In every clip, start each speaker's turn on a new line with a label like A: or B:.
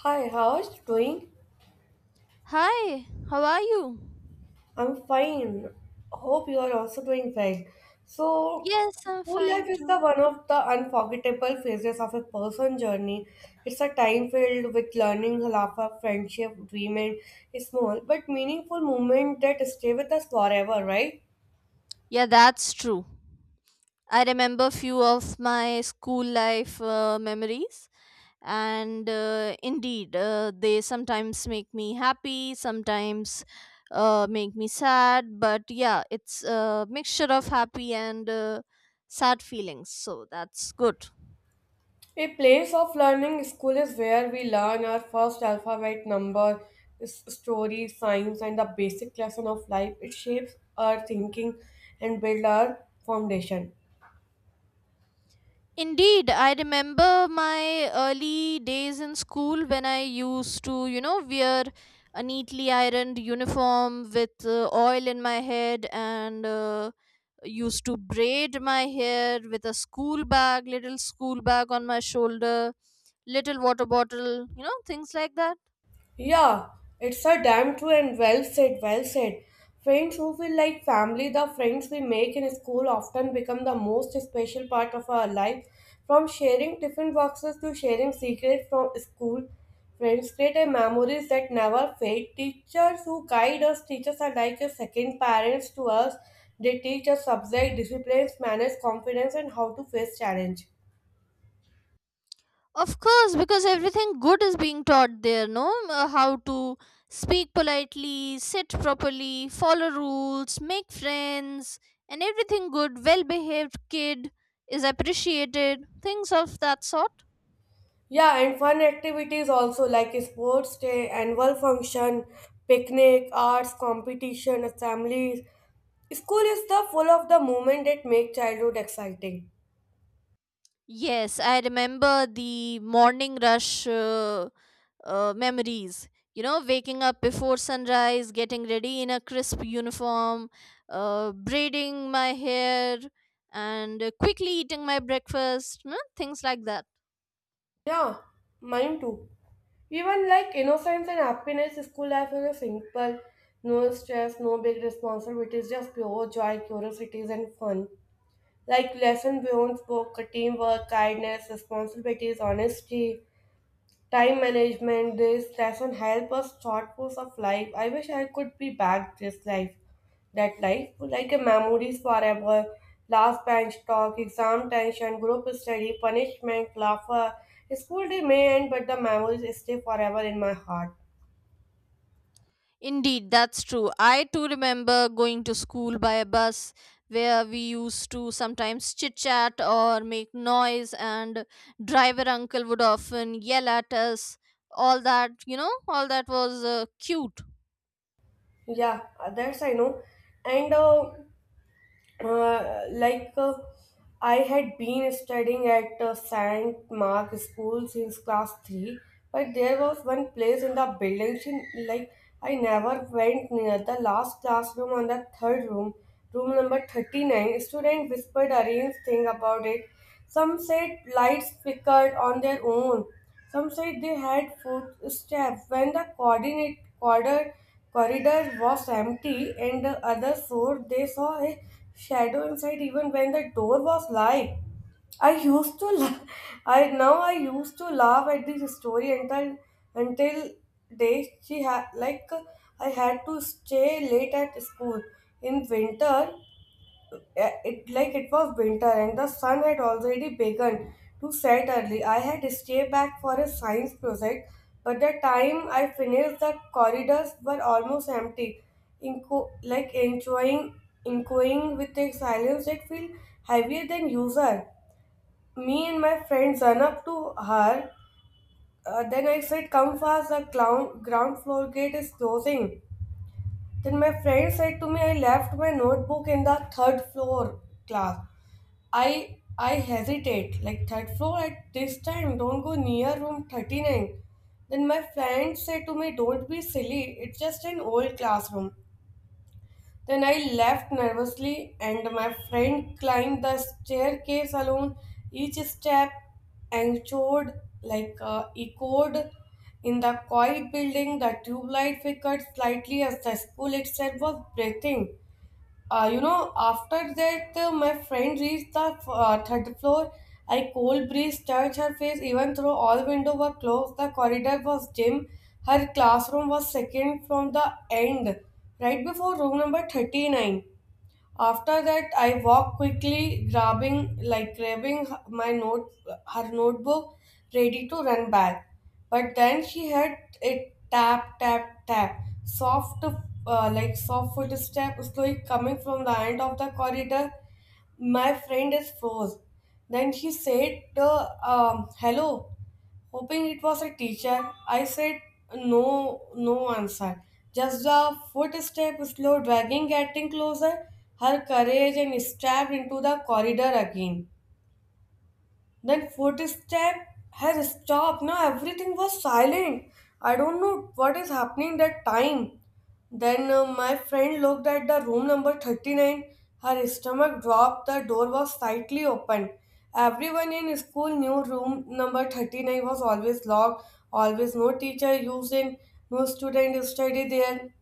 A: Hi, how are you doing?
B: Hi, how are you?
A: I'm fine. Hope you are also doing well.
B: Yes, I'm
A: School life
B: fine
A: is the
B: too.
A: one of the unforgettable phases of a person's journey. It's a time filled with learning, laughter, friendship, dreaming, a small but meaningful moment that stay with us forever, right?
B: Yeah, that's true. I remember few of my school life memories, and indeed, they sometimes make me happy, sometimes make me sad. But yeah, it's a mixture of happy and sad feelings, so that's good.
A: A place of learning school is where we learn our first alphabet, number, story, science, and the basic lesson of life. It shapes our thinking and build our foundation.
B: Indeed, I remember my early days in school when I used to, you know, wear a neatly ironed uniform with oil in my head and used to braid my hair with a school bag, little school bag on my shoulder, little water bottle, you know, things like that.
A: Yeah, it's a damn true and well said, well said. Friends who feel like family, the friends we make in school often become the most special part of our life. From sharing tiffin boxes to sharing secrets from school, friends create a memories that never fade. Teachers who guide us, teachers are like a second parents to us. They teach us subject, disciplines, manners, confidence, and how to face challenge.
B: Of course, because everything good is being taught there, no? How to speak politely, sit properly, follow rules, make friends, and everything good, well behaved kid is appreciated, things of that sort.
A: Yeah, and fun activities also like sports day, annual function, picnic, arts competition, assemblies. School is the full of the moment that make childhood exciting.
B: Yes, I remember the morning rush. Memories. You know, waking up before sunrise, getting ready in a crisp uniform, braiding my hair, and quickly eating my breakfast, you know, things like that.
A: Yeah, mine too. Even like innocence and happiness, school life is a simple, no stress, no big responsibilities, just pure joy, curiosities, and fun. Like lesson beyond book, teamwork, kindness, responsibilities, honesty. Time management, this lesson help us thought force of life. I wish I could be back this life, that life, like a memories forever. Last bench talk, exam tension, group study, punishment, laughter. School day may end, but the memories stay forever in my heart.
B: Indeed, that's true. I too remember going to school by a bus where we used to sometimes chit chat or make noise, and driver uncle would often yell at us. All that, you know, all that was cute.
A: Yeah, that's I know. And like I had been studying at St. Mark School since class 3, but there was one place in the building she, like I never went near the last classroom on the third room, room number 39. Student whispered a strange thing about it. Some said lights flickered on their own. Some said they had footsteps when the coordinate quarter corridor was empty and the others swore they saw a shadow inside even when the door was light. I used to la- I used to laugh at this story until day she had like I had to stay late at school in winter. It was winter and the sun had already begun to set early. I had stayed back for a science project, but the time I finished the corridors were almost empty, enjoying, echoing with a silence that felt heavier than usual. Me and my friends ran up to her. Then I said, come fast, the ground floor gate is closing. Then my friend said to me, I left my notebook in the third floor class. I hesitate. Like third floor at this time, don't go near room 39. Then my friend said to me, don't be silly, it's just an old classroom. Then I left nervously and my friend climbed the staircase alone. Each step echoed, echoed in the quiet building. The tube light flickered slightly as the school itself was breathing. After that, my friend reached the third floor. A cold breeze touched her face, even though all windows were closed. The corridor was dim. Her classroom was second from the end, right before room number 39. After that, I walked quickly, grabbing my note, her notebook, ready to run back. But then she heard it, tap, tap, tap. Soft, soft footstep slowly coming from the end of the corridor. My friend is froze. Then she said, "Hello." Hoping it was a teacher, I said no, no answer. Just the footstep slow dragging getting closer, her courage and stabbed into the corridor again. Then footstep has stopped. Now everything was silent. I don't know what is happening that time. Then my friend looked at the room number 39. Her stomach dropped. The door was slightly open. Everyone in school knew room number 39 was always locked, always no teacher using, no student study there.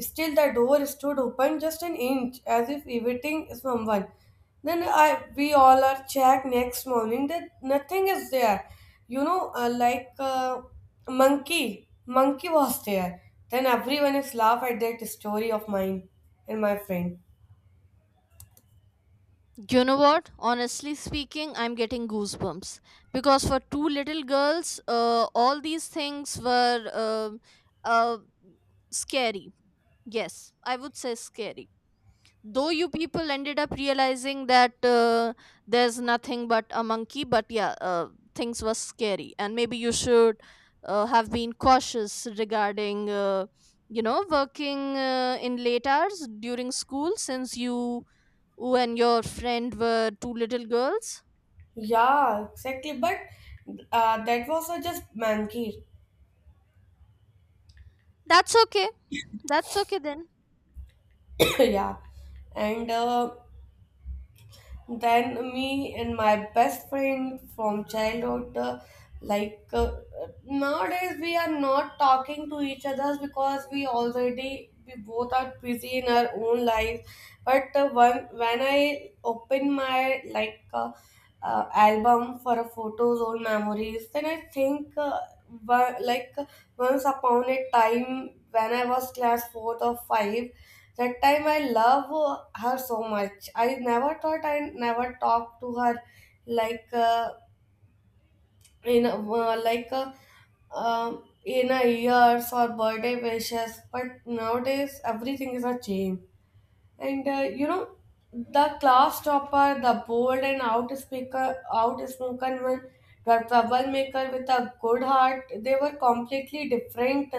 A: Still, the door stood open just an inch, as if evading someone. Then I, we all are checked next morning that nothing is there. You know, monkey was there. Then everyone is laugh at that story of mine and my friend.
B: You know what? Honestly speaking, I'm getting goosebumps because for two little girls, all these things were uh, scary. Yes, I would say scary. Though you people ended up realizing that there's nothing but a monkey, but yeah, things were scary, and maybe you should have been cautious regarding, you know, working in late hours during school since you when your friend were two little girls?
A: Yeah, exactly. But that was just monkey.
B: That's okay. That's okay then.
A: Yeah, and. Then me and my best friend from childhood, like uh, nowadays we are not talking to each other because we both are busy in our own lives. But when I open my album for photos or memories, then I think, wa- like once upon a time when I was class fourth or five. That time I love her so much. I never talked to her like uh, in a- uh, like uh, in a years or birthday wishes. But nowadays everything is a change. And you know, the class topper, the bold and out speaker, out spoken one, the troublemaker with a good heart. They were completely different,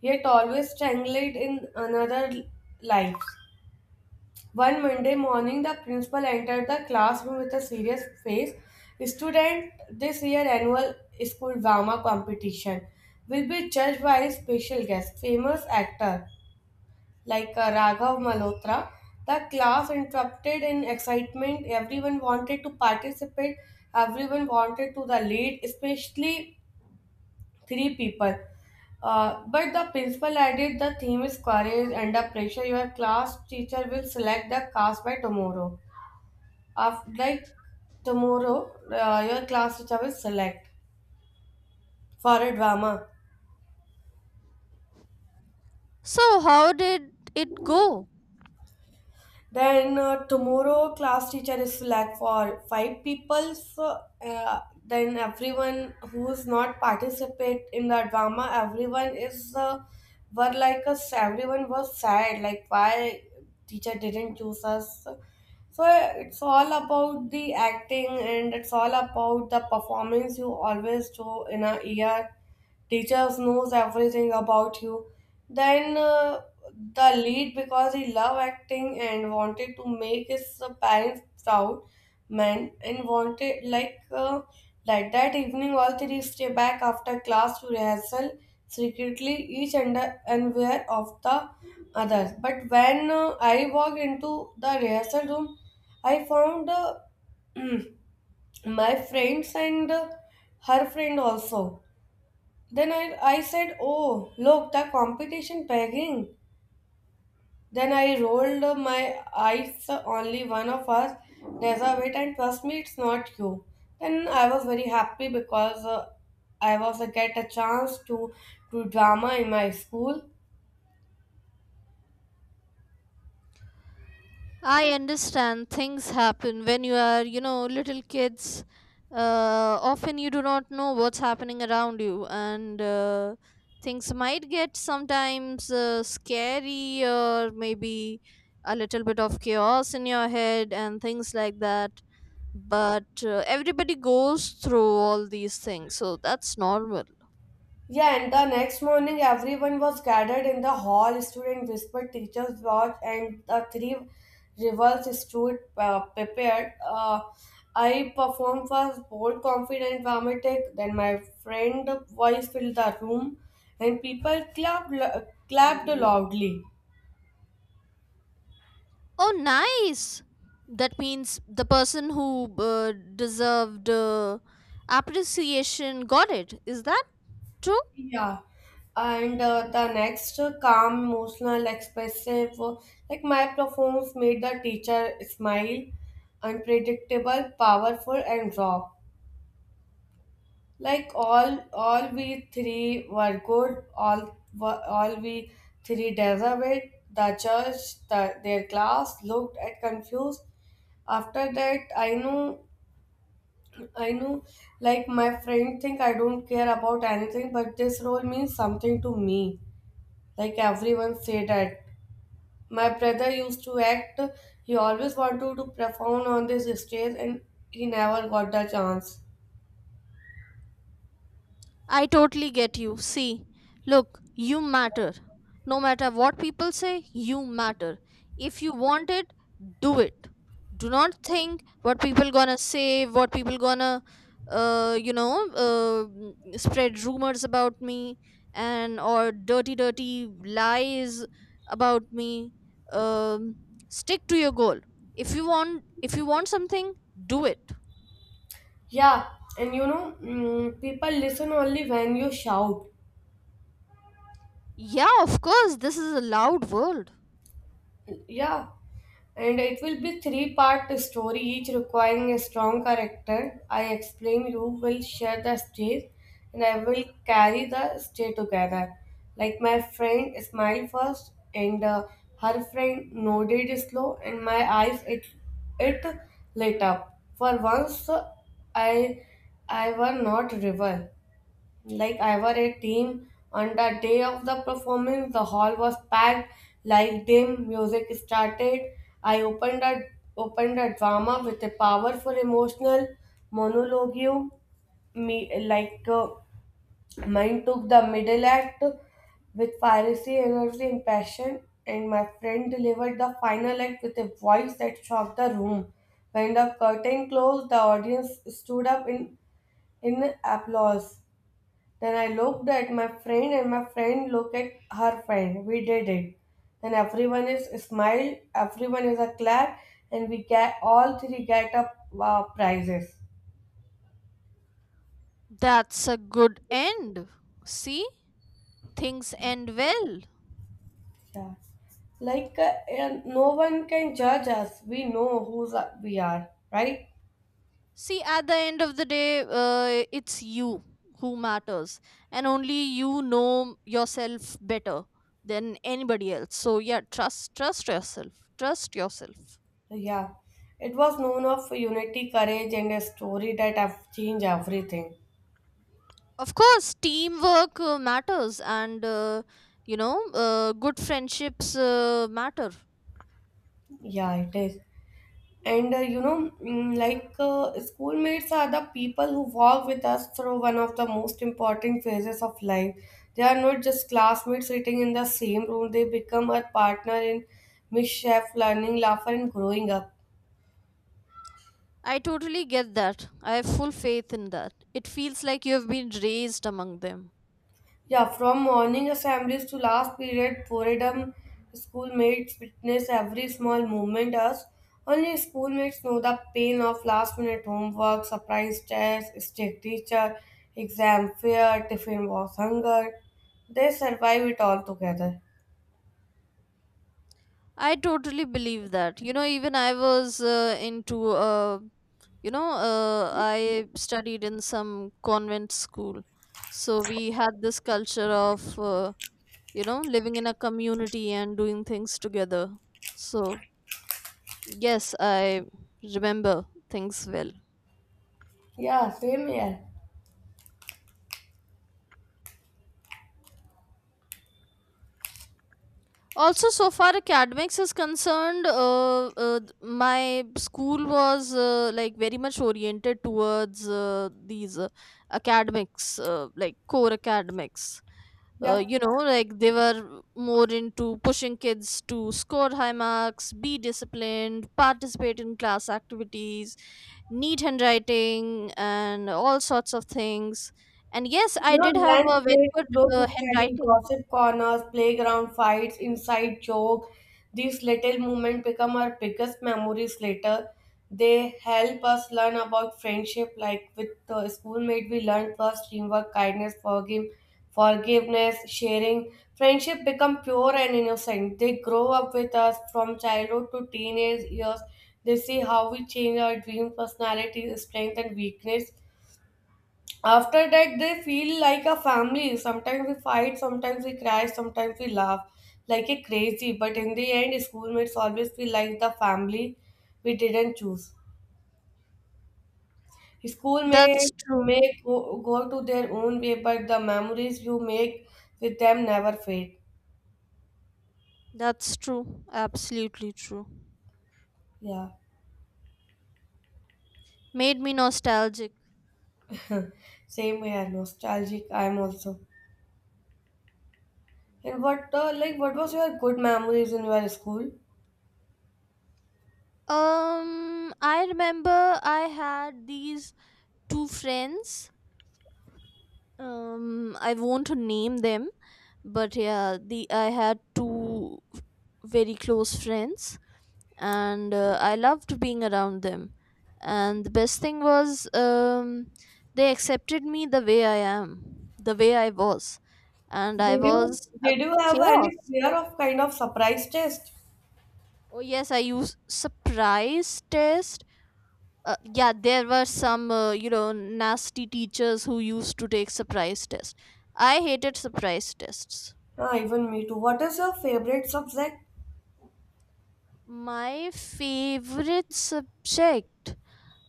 A: yet always tangled in another life. One Monday morning, the principal entered the classroom with a serious face. Student, this year annual school drama competition will be judged by a special guest, famous actor Raghav Malhotra. The class interrupted in excitement. Everyone wanted to participate. Everyone wanted to the lead, especially three people. But the principal added, the theme is courage under pressure. Your class teacher will select the cast by tomorrow. After, like tomorrow, your class teacher will select for a drama.
B: So, how did it go?
A: Then tomorrow, class teacher is select for five people. So then everyone who is not participate in the drama, everyone is were like us. Everyone was sad. Like why teacher didn't choose us. So it's all about the acting and it's all about the performance you always do in a year. Teachers knows everything about you. Then the lead, because he loved acting and wanted to make his parents proud man, and wanted that evening all three stay back after class to rehearsal secretly, each under unaware of the others. But when I walked into the rehearsal room, I found, my friends and her friend also. Then I said, oh, look, the competition pegging. Then I rolled my eyes, only one of us deserve it, and trust me, it's not you. Then I was very happy because I was get a chance to do drama in my school.
B: I understand things happen when you are, you know, little kids. Often you do not know what's happening around you, and things might get sometimes scary or maybe a little bit of chaos in your head and things like that. But everybody goes through all these things, so that's normal.
A: Yeah, and the next morning everyone was gathered in the hall. Students whispered, teachers watched, and the three rivals stood prepared. I performed first bold, confident, dramatic. Then my friend voice filled the room, and people clapped, clapped loudly.
B: Oh, nice. That means the person who deserved appreciation got it. Is that true?
A: Yeah, and the next calm, emotional, expressive, my performance made the teacher smile, unpredictable, powerful, and raw. Like all we three were good. All we three deserved it. The judge, the, their class looked at confused. After that, I know, like my friend think I don't care about anything, but this role means something to me. Like everyone say that. My brother used to act. He always wanted to perform on this stage and he never got the chance.
B: I totally get you. See, look, you matter. No matter what people say, you matter. If you want it. Do not think what people gonna say, what people gonna, spread rumors about me and or dirty lies about me. Um, Stick to your goal. If you want something, do it.
A: Yeah, and you know, people listen only when you shout.
B: Yeah, of course, this is a loud world.
A: Yeah, and it will be three-part story, each requiring a strong character. I explain, you will share the stage and I will carry the stage together. Like my friend smiled first, and her friend nodded slow, and my eyes it lit up for once. Uh, i i were not river, like I were a team. On the day of the performance, the hall was packed, like dim, music started. I opened a drama with a powerful emotional monologue. Me mine took the middle act with piracy, energy, and passion, and my friend delivered the final act with a voice that shocked the room. When the curtain closed, the audience stood up in applause. Then I looked at my friend and my friend looked at her friend. We did it. Then everyone is smiled, everyone is a clap, and we get all three get up prizes.
B: That's a good end. See, things end well.
A: Yeah. And no one can judge us. We know who we are, right?
B: See, at the end of the day, it's you who matters, and only you know yourself better than anybody else. So, yeah, trust yourself, trust yourself.
A: Yeah. It was known of unity, courage, and a story that have changed everything.
B: Of course, teamwork matters, and good friendships matter.
A: Yeah, it is. And you know, schoolmates are the people who walk with us through one of the most important phases of life. They are not just classmates sitting in the same room, they become our partner in mischief, learning, laughter, and growing up.
B: I totally get that. I have full faith in that. It feels like you have been raised among them.
A: Yeah, from morning assemblies to last period, boredom, schoolmates witness every small movement us. Only schoolmates know the pain of last minute homework, surprise tests, strict teacher, exam fear, tiffin was hunger. They survive it all together.
B: I totally believe that. You know, even I was I studied in some convent school. So we had this culture of you know, living in a community and doing things together, so yes, I remember things well.
A: Yeah, same here.
B: Also, so far academics is concerned, my school was like very much oriented towards these academics, like core academics,
A: Yeah.
B: you know, like they were more into pushing kids to score high marks, be disciplined, participate in class activities, neat handwriting, and all sorts of things. And yes, I
A: You know,
B: did have
A: lunch
B: a very
A: breaks,
B: good
A: group study,
B: handwriting.
A: gossip corners, playground fights, inside joke. These little moments become our biggest memories later. They help us learn about friendship, like with the schoolmate, we learn first teamwork, kindness, forgive, forgiveness, sharing. Friendship become pure and innocent. They grow up with us from childhood to teenage years. They see how we change our dream, personality, strength, and weakness. After that, they feel like a family. Sometimes we fight, sometimes we cry, sometimes we laugh like a crazy. But in the end, schoolmates always feel like the family we didn't choose. School may
B: That's true.
A: go to their own way, but the memories you make with them never fade.
B: That's true. Absolutely true.
A: Yeah,
B: Made me nostalgic.
A: same here. Nostalgic, I am also. And what like what was your good memories in your school?
B: I remember I had these two friends. I won't name them, but yeah, the I had two very close friends, and I loved being around them. And the best thing was, they accepted me the way I am, the way I was, and I
A: Did you
B: was a
A: did you have any
B: chaos.
A: fear of kind of surprise test?
B: Oh yes, I used surprise test. Yeah, there were some you know, nasty teachers who used to take surprise tests. I hated surprise tests.
A: Ah, even me too. What is your favorite subject?
B: My favorite subject.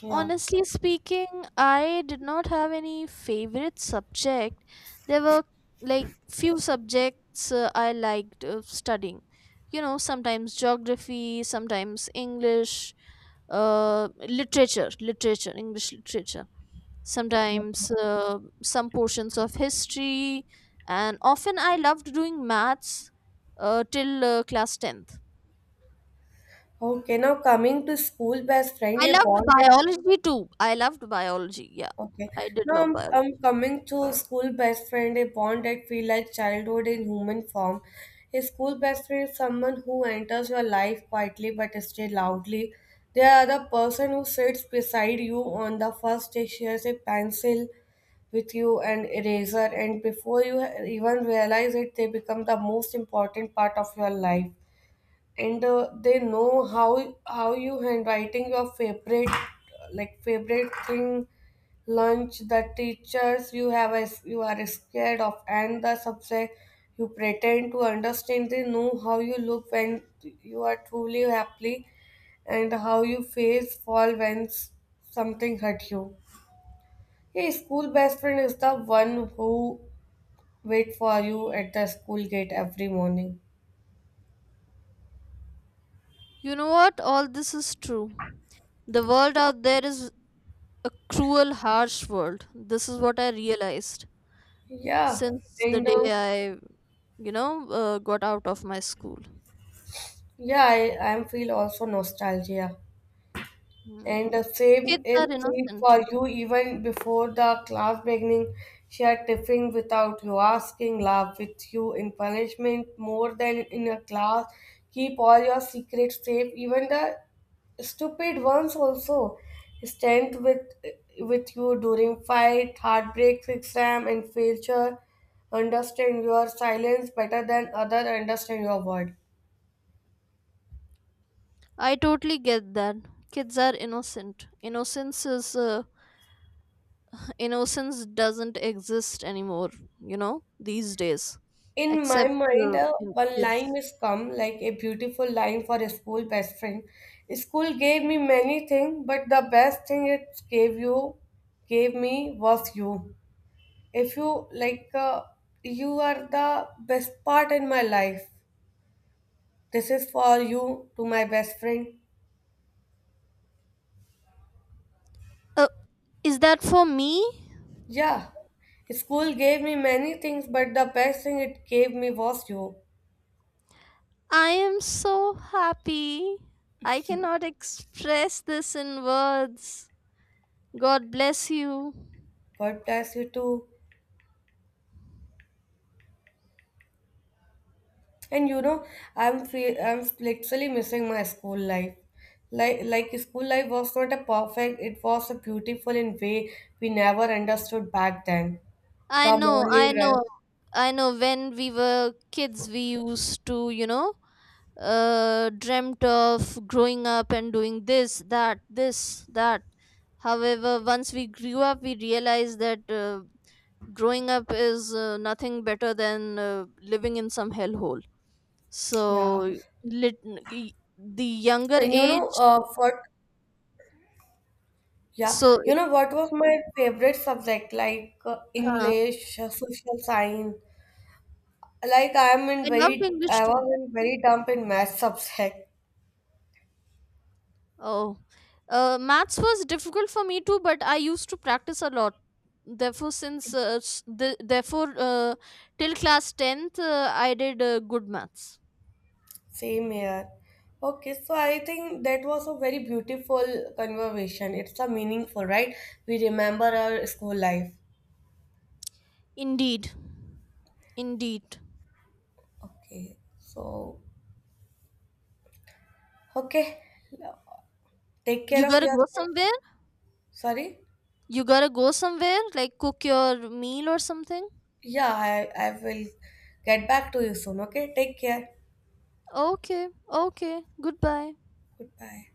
A: Yeah.
B: Honestly speaking, I did not have any favorite subject. There were like few subjects I liked studying. You know, sometimes geography, sometimes English, literature, English literature. Sometimes some portions of history, and often I loved doing maths till class tenth.
A: Okay, now coming to school best friend,
B: I
A: a
B: loved
A: bond that
B: biology too. I loved biology. Yeah,
A: okay.
B: I did
A: Now I'm
B: love biology.
A: I'm coming to school best friend, a bond that feel like childhood in human form. A school best friend is someone who enters your life quietly but stay loudly. They are the person who sits beside you on the first day, shares a pencil with you and eraser, and before you even realize it, they become the most important part of your life. And they know how you handwriting your favorite like favorite thing lunch, the teachers you have as you are scared of, and the subject you pretend to understand. They know how you look when you are truly happy and how you face fall when something hurt you. Yeah, school best friend is the one who wait for you at the school gate every morning.
B: You know what? All this is true. The world out there is a cruel, harsh world. This is what I realized
A: Yeah,
B: since the
A: and
B: day I got out of my school.
A: yeah, I feel also nostalgia.
B: Hmm.
A: And the same
B: Kids
A: is
B: are
A: true
B: innocent.
A: for you even before the class beginning. Share tiffin without you asking, laugh with you in punishment more than in a class. Keep all your secrets safe, even the stupid ones also. Stand with you during fight, heartbreak, exam, and failure. Understand your silence better than other understand your word.
B: I totally get that. Kids are innocent. Innocence is innocence doesn't exist anymore, you know, these days,
A: In my
B: except
A: mind,
B: in
A: one line
B: kids.
A: is come like a beautiful line for a school best friend. School gave me many things, but the best thing it gave you, gave me was you. If you like, you are the best part in my life. This is for you to my best friend.
B: Oh, is that for me?
A: Yeah, school gave me many things, but the best thing it gave me was you.
B: I am so happy. I cannot express this in words. God bless you.
A: God bless you too. And you know, I'm literally missing my school life. Like school life was not a perfect, it was a beautiful in way we never understood back then.
B: I
A: The
B: know,
A: morning
B: I
A: rush,
B: know, I know when we were kids, we used to, you know, dreamt of growing up and doing this, that, this, that. However, once we grew up, we realized that. Growing up is nothing better than living in some hellhole.
A: yeah.
B: So, lit- y- the younger
A: And you know,
B: age,
A: what? Yeah,
B: so
A: you know what was my favorite subject, like
B: uh,
A: English, social science. Like I am in
B: I loved
A: very,
B: English
A: I was
B: too.
A: in very dumb in math subject.
B: Oh, maths was difficult for me too, but I used to practice a lot. Therefore, therefore till class tenth, I did good maths.
A: Same here. Okay, so I think that was a very beautiful conversation. It's a meaningful, right? We remember our school life.
B: Indeed, indeed.
A: Okay, so okay, take care
B: You
A: of
B: gotta go
A: yourself.
B: somewhere.
A: Sorry?
B: You gotta go somewhere, like cook your meal or something.
A: Yeah, I will get back to you soon. Okay, take care.
B: Okay, okay, goodbye.
A: Goodbye.